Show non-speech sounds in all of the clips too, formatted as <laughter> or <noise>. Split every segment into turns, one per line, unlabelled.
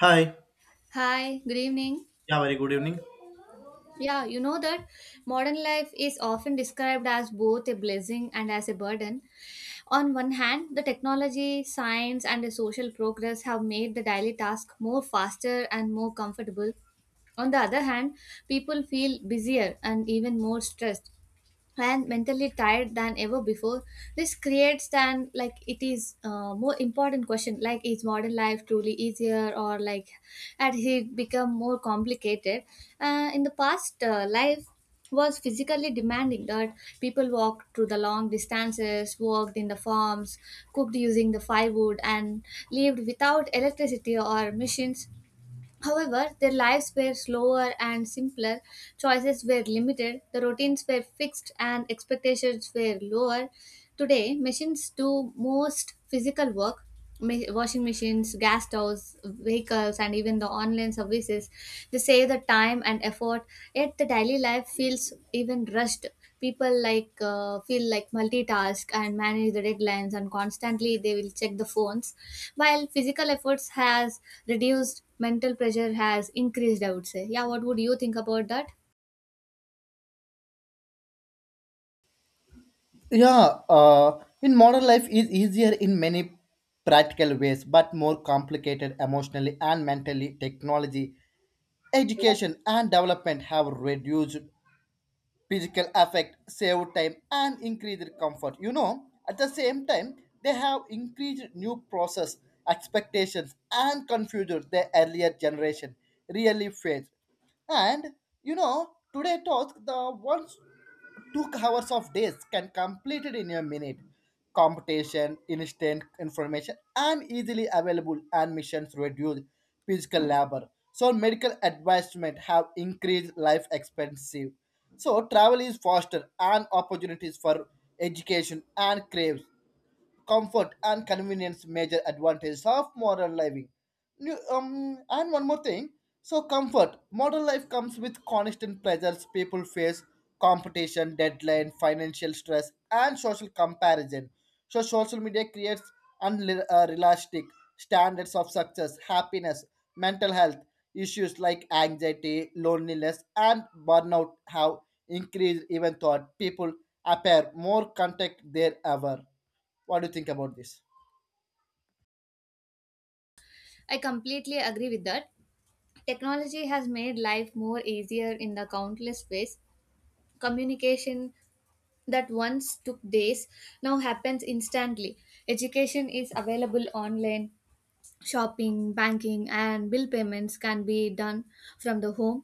Hi.
Hi, good evening.
Yeah, very good evening.
Yeah, you know that modern life is often described as both a blessing and as a burden. On one hand, the technology, science, and the social progress have made the daily task more faster and more comfortable. On the other hand, people feel busier and even more stressed and mentally tired than ever before. This creates then, like, it is more important question, like, is modern life truly easier, or, like, had it become more complicated? In the past, life was physically demanding, that people walked through the long distances, worked in the farms, cooked using the firewood, and lived without electricity or machines. However, their lives were slower and simpler, choices were limited, the routines were fixed, and expectations were lower. Today, machines do most physical work. Washing machines, gas stoves, vehicles, and even the online services. They save the time and effort, yet the daily life feels even rushed. People, like, feel like multitask and manage the deadlines, and constantly they will check the phones. While physical efforts has reduced, mental pressure has increased, I would say. Yeah, what would you think about that?
Yeah, in modern life is easier in many practical ways, but more complicated emotionally and mentally. Technology, education, and development have reduced physical effect, saved time, and increased comfort. You know, at the same time, they have increased new process, expectations, and confused the earlier generation really faced. And you know, today task the ones 2 hours of days can completed in a minute competition instant information and easily available and missions reduce physical labor so medical advancement have increased life expensive so travel is faster and opportunities for education and craves comfort and convenience major advantages of modern living and one more thing so comfort modern life comes with constant pressures people face competition deadline financial stress and social comparison so social media creates unrealistic standards of success happiness mental health issues like anxiety loneliness and burnout have increased even though people appear more content than ever. What do you think about this?
I completely agree with that. Technology has made life more easier in the countless ways. Communication that once took days now happens instantly. Education is available online. Shopping, banking, and bill payments can be done from the home.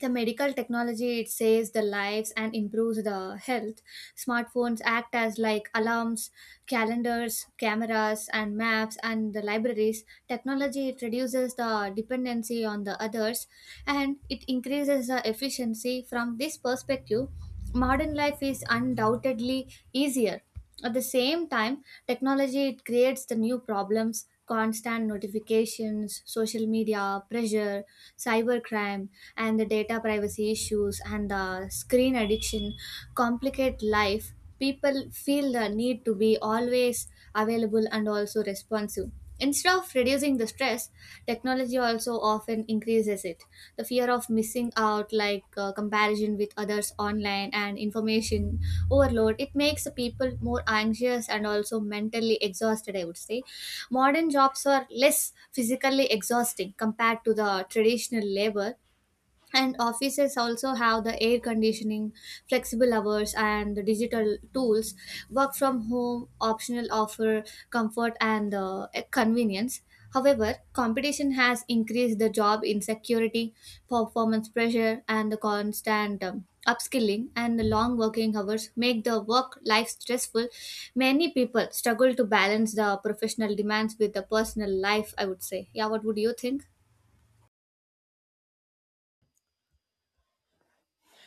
The medical technology, it saves the lives and improves the health. Smartphones act as like alarms, calendars, cameras, and maps, and the libraries. Technology, it reduces the dependency on the others, and it increases the efficiency. From this perspective, modern life is undoubtedly easier. At the same time, technology, it creates the new problems: constant notifications, social media pressure, cybercrime, and the data privacy issues, and the screen addiction complicate life. People feel the need to be always available and also responsive. Instead of reducing the stress, technology also often increases it. The fear of missing out, like, comparison with others online, and information overload, it makes the people more anxious and also mentally exhausted, I would say. Modern jobs are less physically exhausting compared to the traditional labor, and offices also have the air conditioning, flexible hours, and the digital tools. Work from home optional offer comfort and convenience. However, competition has increased the job insecurity, performance pressure, and the constant upskilling, and the long working hours make the work life stressful. Many people struggle to balance the professional demands with the personal life, I would say. Yeah, what would you think?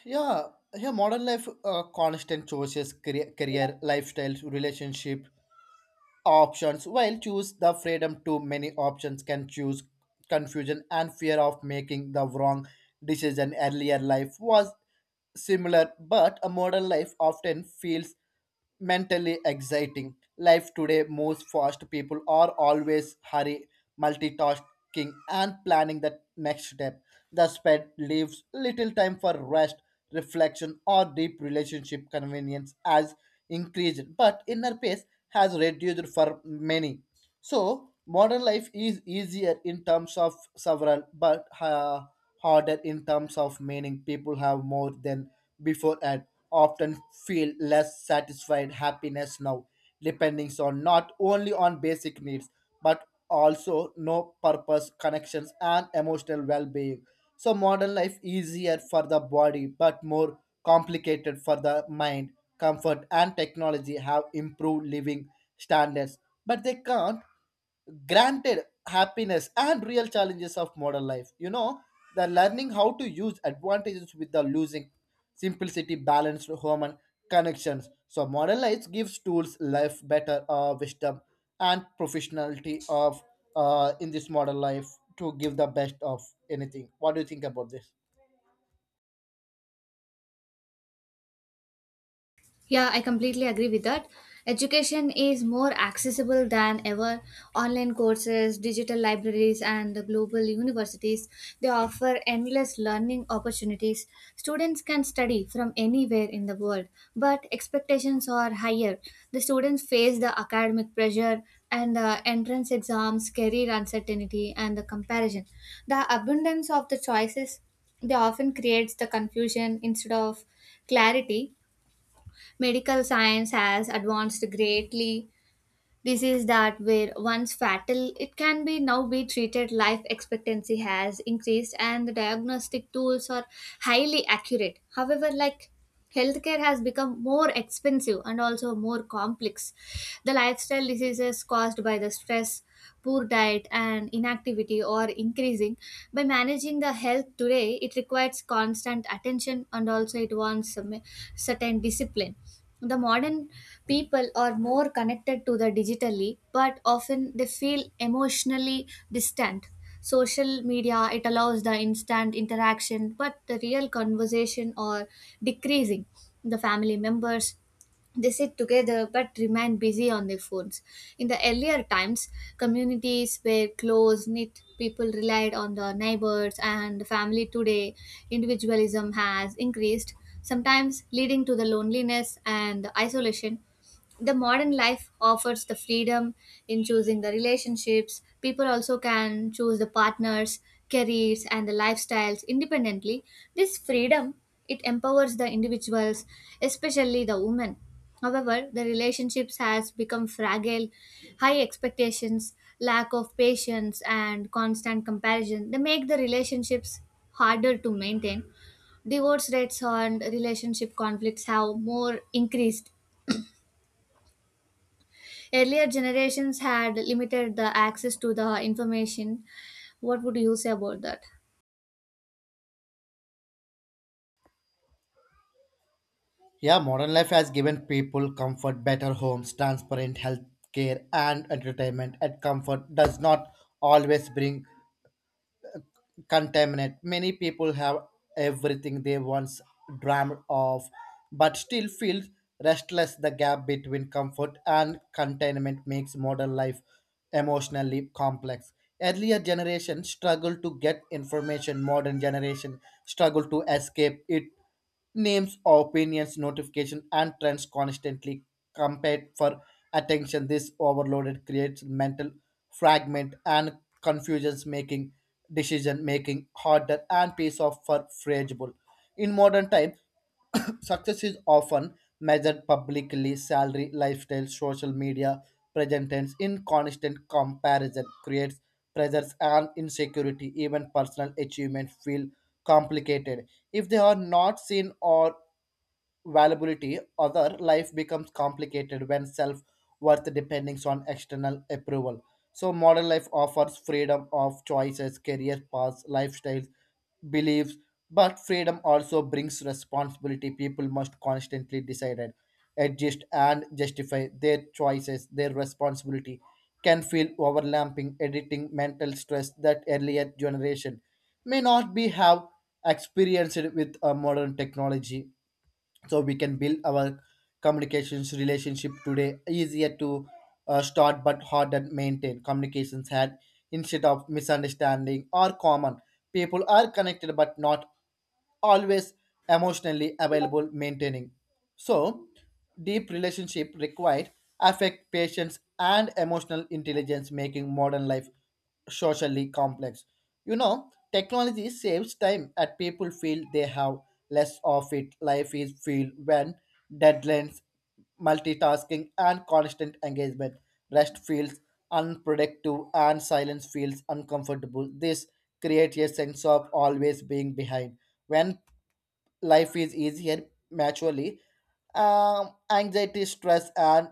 Yeah, yeah. Modern life, constant choices, career, lifestyles, relationship, options while choose the freedom to many options can choose confusion and fear of making the wrong decision earlier life was similar but a modern life often feels mentally exciting life today moves fast people are always hurry multitasking and planning the next step the sped leaves little time for rest reflection, or deep relationship convenience has increased, but inner peace has reduced for many. So, modern life is easier in terms of several, but harder in terms of meaning. People have more than before and often feel less satisfied happiness now depending on not only on basic needs but also no purpose connections and emotional well-being so modern life easier for the body but more complicated for the mind comfort and technology have improved living standards but they can't granted happiness and real challenges of modern life you know the learning how to use advantages with the losing simplicity balanced human connections so modern life gives tools life better wisdom and professionality of in this modern life to give the best of anything. What do you think about this?
Yeah, I completely agree with that. Education is more accessible than ever. Online courses, digital libraries, and the global universities, they offer endless learning opportunities. Students can study from anywhere in the world, but expectations are higher. The students face the academic pressure and the entrance exams, career uncertainty, and the comparison. The abundance of the choices, they often creates the confusion instead of clarity. Medical science has advanced greatly. Diseases that were once fatal, it can be now be treated. Life expectancy has increased, and the diagnostic tools are highly accurate. However, like, healthcare has become more expensive and also more complex. The lifestyle diseases caused by the stress, poor diet, and inactivity are increasing. By managing the health today, it requires constant attention, and also it wants some certain discipline. The modern people are more connected to the digitally, but often they feel emotionally distant. Social media, it allows the instant interaction, but the real conversation are decreasing. The family members, they sit together but remain busy on their phones. In the earlier times, communities were close knit, people relied on the neighbors and the family. Today, individualism has increased, sometimes leading to the loneliness and isolation. The modern life offers the freedom in choosing the relationships. People also can choose the partners, careers, and the lifestyles independently. This freedom, it empowers the individuals, especially the women. However, the relationships has become fragile. High expectations, lack of patience, and constant comparison, they make the relationships harder to maintain. Divorce rates and relationship conflicts have more increased. Earlier generations had limited the access to the information. What would you say about that?
Yeah, modern life has given people comfort, better homes, transparent health care, and entertainment. And comfort does not always bring contaminant. Many people have everything they once dreamed of, but still feel restless. The gap between comfort and containment makes modern life emotionally complex. Earlier generation struggled to get information, modern generation struggle to escape it. Names, opinions, notification, and trends constantly compete for attention. This overloaded creates mental fragment and confusions, making decision making harder and piece of for fragile. In modern time, <coughs> success is often measured publicly, salary, lifestyle, social media presence in constant comparison creates pressures and insecurity. Even personal achievements feel complicated if they are not seen or valuability, other life becomes complicated when self worth depends on external approval. So, modern life offers freedom of choices, career paths, lifestyles, beliefs, but freedom also brings responsibility. People must constantly decide, adjust, and justify their choices. Their responsibility can feel overlapping, editing mental stress that earlier generation may not be have experienced with a modern technology so we can build our communications relationship today easier to start but hard and maintain communications had instead of misunderstanding are common people are connected but not always emotionally available maintaining so deep relationship required affect patience and emotional intelligence making modern life socially complex. You know, technology saves time and people feel they have less of it life is filled when deadlines multitasking and constant engagement. Rest feels unproductive and silence feels uncomfortable. This creates a sense of always being behind. When life is easier naturally. Anxiety, stress, and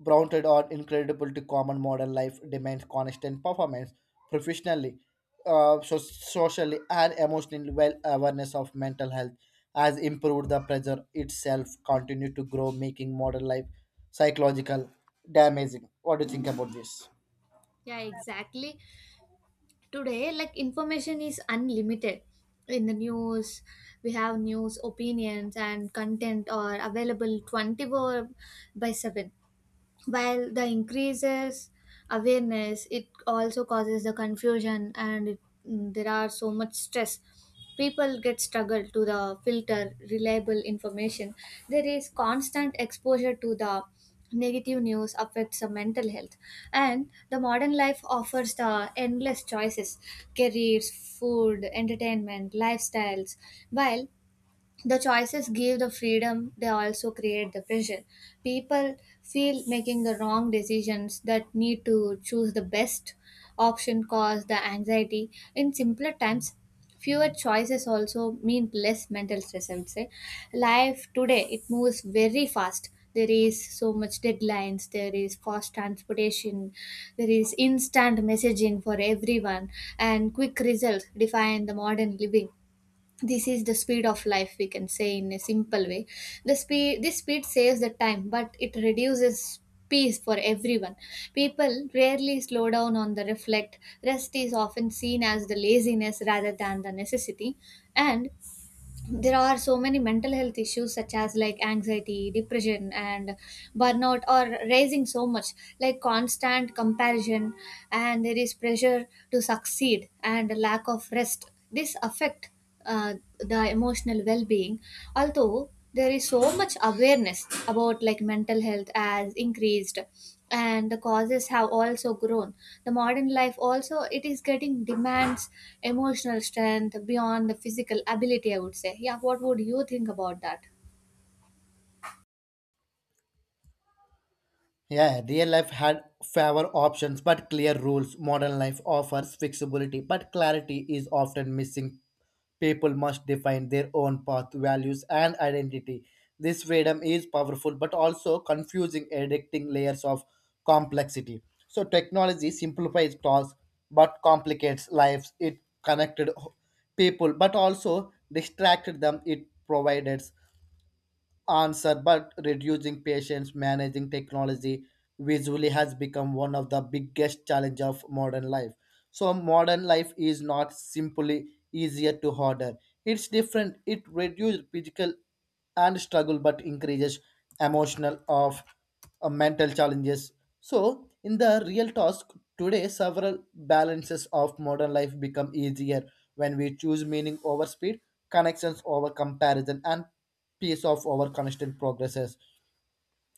Brownted are incredible to common modern life demands constant performance professionally, so socially, and emotionally. Well, awareness of mental health has improved the pressure itself, continue to grow, making modern life psychological damaging. What do you think about this?
Yeah, exactly. Today, like, information is unlimited. In the news, we have news opinions and content are available 24 by 7, while the increases awareness, it also causes the confusion, and there are so much stress. People get struggle to the filter reliable information. There is constant exposure to the negative news affects the mental health. And the modern life offers the endless choices: careers, food, entertainment, lifestyles. While the choices give the freedom, they also create the pressure. People feel making the wrong decisions that need to choose the best option cause the anxiety. In simpler times, fewer choices also mean less mental stress, I would say. Life today, it moves very fast. There is so much deadlines, there is fast transportation, there is instant messaging for everyone, and quick results define the modern living. This is the speed of life, we can say, in a simple way. The speed this speed saves the time, but it reduces peace for everyone. People rarely slow down on the reflect. Rest is often seen as the laziness rather than the necessity. And there are so many mental health issues, such as like anxiety, depression, and burnout are raising so much. Like, constant comparison, and there is pressure to succeed, and lack of rest, this affect the emotional well-being. Although there is so much awareness about like mental health as increased, and the causes have also grown, the modern life also it is getting demands emotional strength beyond the physical ability, I would say. Yeah, what would you think about that?
Yeah, real life had fewer options but clear rules. Modern life offers flexibility, but clarity is often missing. People must define their own path, values, and identity. This freedom is powerful but also confusing, addicting layers of complexity. So, technology simplifies tasks but complicates lives. It connected people but also distracted them. It provided answer, but reducing patience, managing technology visually has become one of the biggest challenge of modern life. So modern life is not simply easier to order. It's different. It reduces physical and struggle, but increases emotional of mental challenges. So in the real task today, several balances of modern life become easier when we choose meaning over speed, connections over comparison, and piece of our constant progresses.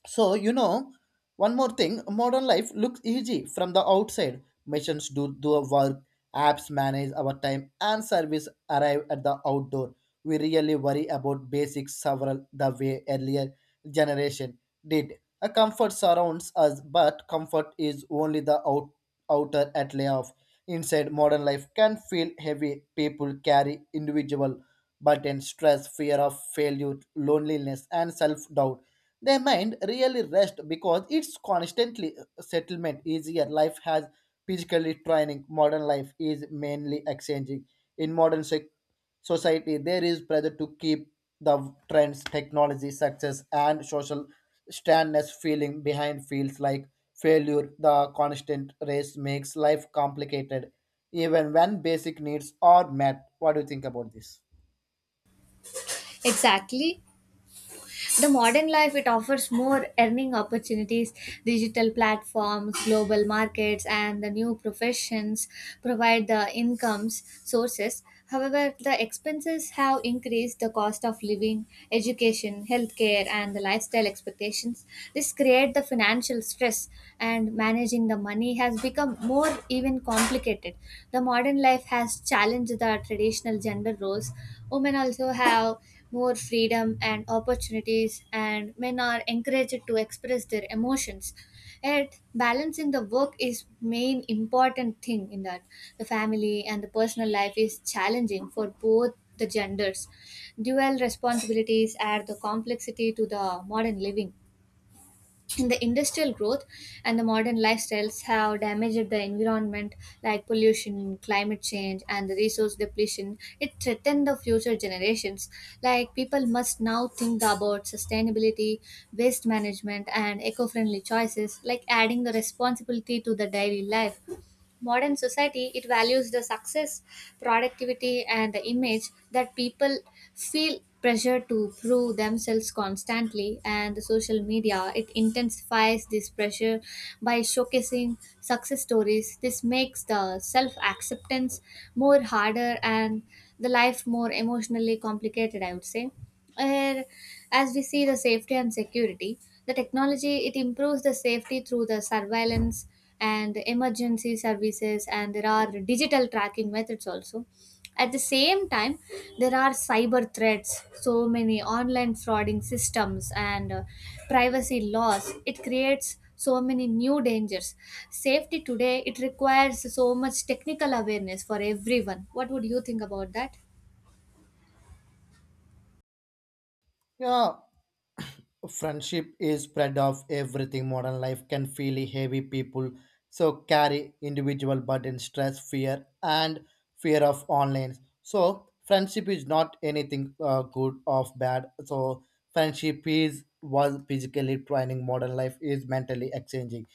So, you know, one more thing modern life looks easy from the outside. Machines do the work, apps manage our time, and service arrive at the outdoor. We really worry about basics several the way earlier generation did. A comfort surrounds us, but comfort is only the outer outlay of inside modern life can feel heavy. People carry individual buttons, stress, fear of failure, loneliness, and self doubt their mind really rests because it's constantly settlement easier. Life has physically training. Modern life is mainly exchanging. In society, there is pressure to keep the trends, technology, success, and social standness feeling behind feels like failure. The constant race makes life complicated, even when basic needs are met. What do you think about this?
Exactly. The modern life, it offers more earning opportunities. Digital platforms, global markets, and the new professions provide the incomes sources. However, the expenses have increased: the cost of living, education, healthcare, and the lifestyle expectations. This create the financial stress, and managing the money has become more even complicated. The modern life has challenged the traditional gender roles. Women also have more freedom and opportunities, and men are encouraged to express their emotions. Yet, balance in the work is main important thing in that. The family and the personal life is challenging for both the genders. Dual responsibilities add the complexity to the modern living. And the industrial growth and the modern lifestyles have damaged the environment, like pollution, climate change, and the resource depletion, it threatens the future generations. Like, people must now think about sustainability, waste management, and eco-friendly choices, like adding the responsibility to the daily life. Modern society, it values the success, productivity, and the image, that people feel pressure to prove themselves constantly. And the social media, it intensifies this pressure by showcasing success stories. This makes the self acceptance more harder, and the life more emotionally complicated, I would say. And as we see the safety and security, the technology, it improves the safety through the surveillance and emergency services, and there are digital tracking methods also. At the same time, there are cyber threats, so many online frauding systems, and privacy laws, it creates so many new dangers. Safety today, it requires so much technical awareness for everyone. What would you think about that?
Yeah, friendship is spread of everything modern life can feel heavy people so carry individual burden stress fear and fear of online so friendship is not anything good or bad so friendship is was physically training modern life is mentally exchanging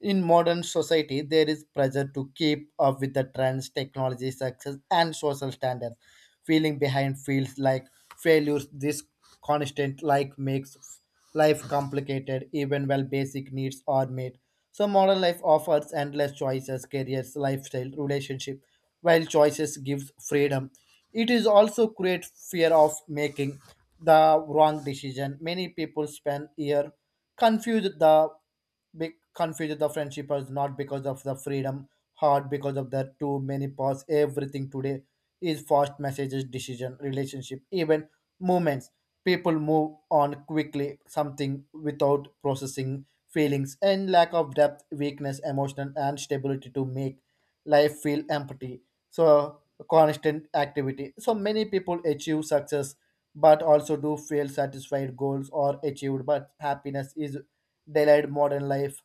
in modern society there is pressure to keep up with the trends technology success and social standards feeling behind feels like failures this constant like makes life complicated even while basic needs are met so modern life offers endless choices careers lifestyle relationship while choices gives freedom it is also create fear of making the wrong decision many people spend year confused the be confused the friendship is not because of the freedom hard because of the too many paths everything today is fast messages decision relationship even movements people move on quickly something without processing feelings and lack of depth weakness emotional and stability to make life feel empty so constant activity so many people achieve success but also do feel satisfied goals are achieved but happiness is daylight modern life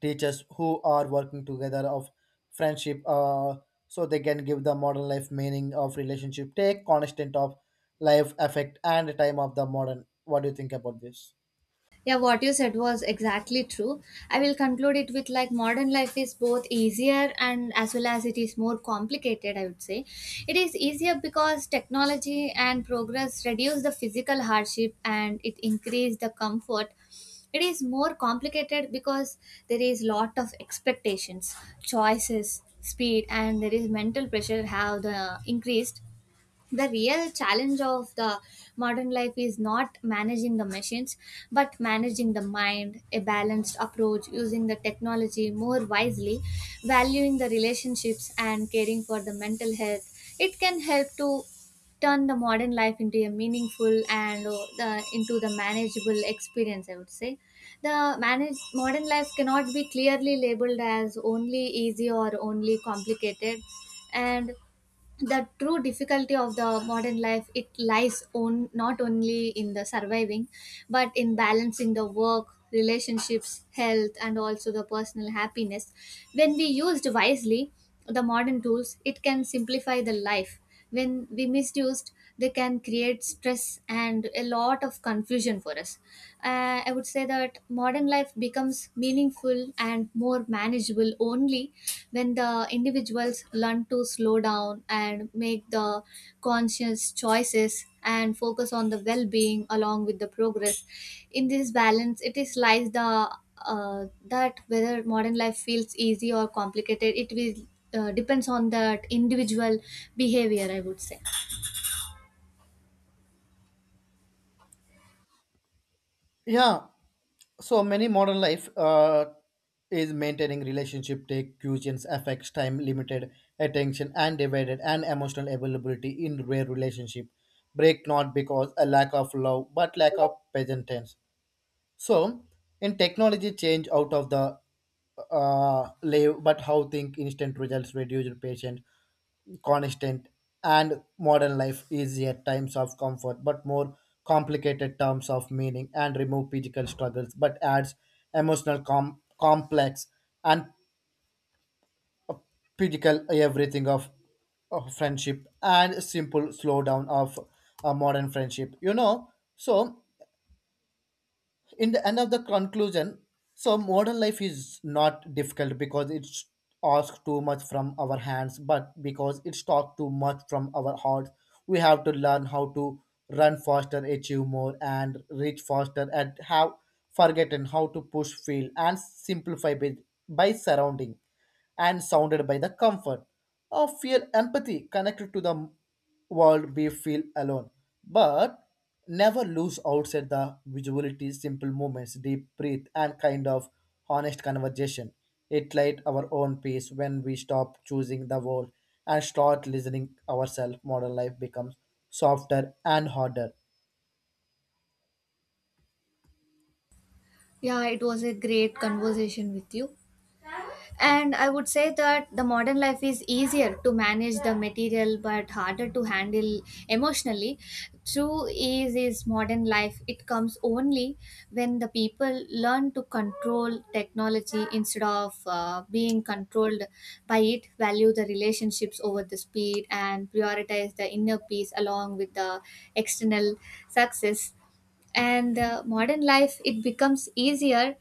teachers who are working together of friendship so they can give the modern life meaning of relationship take constant of life effect and time of the modern. What do you think about this?
Yeah, what you said was exactly true. I will conclude it with like modern life is both easier and as well as it is more complicated, I would say. It is easier because technology and progress reduce the physical hardship, and it increase the comfort. It is more complicated because there is lot of expectations, choices, speed, and there is mental pressure have the increased. The real challenge of the modern life is not managing the machines but managing the mind. A balanced approach, using the technology more wisely, valuing the relationships, and caring for the mental health, it can help to turn the modern life into a meaningful and into the manageable experience, I would say. Modern life cannot be clearly labeled as only easy or only complicated. And the true difficulty of the modern life, it lies on not only in the surviving, but in balancing the work, relationships, health, and also the personal happiness. When we used wisely, the modern tools, it can simplify the life. When we misused, they can create stress and a lot of confusion for us. I would say that modern life becomes meaningful and more manageable only when the individuals learn to slow down and make the conscious choices and focus on the well-being along with the progress. In this balance, it is lies the that whether modern life feels easy or complicated, it will depends on that individual behavior, I would say.
Yeah, so many modern life is maintaining relationship take cuisines affects time limited attention and divided and emotional availability in rare relationship break not because a lack of love but lack of patience. So, in technology change out of the live, but how think instant results reduce patient, constant, and modern life easier times of comfort, but more complicated terms of meaning and remove physical struggles, but adds complex and physical everything of friendship and simple slowdown of a modern friendship. You know, so in the end of the conclusion so modern life is not difficult because it's asked too much from our hands but because it's talked too much from our hearts we have to learn how to run faster achieve more and reach faster and have forgotten how to push feel and simplify by surrounding and sounded by the comfort of feel empathy connected to the world we feel alone, but never lose outside the visuality, simple movements, deep breath, and kind of honest conversation. It light our own pace when we stop choosing the world and start listening ourselves. Modern life becomes softer and harder.
Yeah, it was a great conversation with you. And I would say that the modern life is easier to manage the material but harder to handle emotionally. True ease is modern life. It comes only when the people learn to control technology instead of being controlled by it, value the relationships over the speed, and prioritize the inner peace along with the external success. And modern life, it becomes easier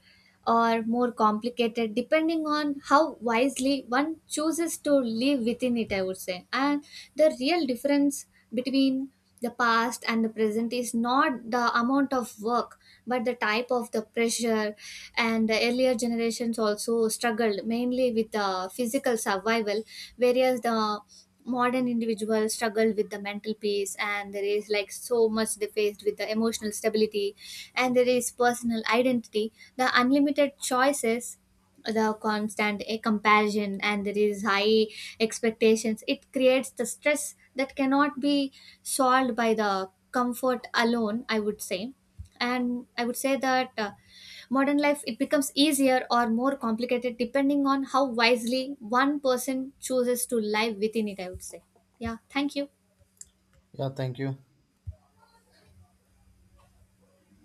or more complicated depending on how wisely one chooses to live within it, I would say. And the real difference between the past and the present is not the amount of work but the type of the pressure. And the earlier generations also struggled mainly with the physical survival, whereas the modern individuals struggle with the mental peace. And there is like so much they faced with the emotional stability, and there is personal identity. The unlimited choices, the constant comparison, and there is high expectations, it creates the stress that cannot be solved by the comfort alone, I would say. And I would say that modern life, it becomes easier or more complicated depending on how wisely one person chooses to live within it, I would say. Yeah, thank you.
Yeah, thank you.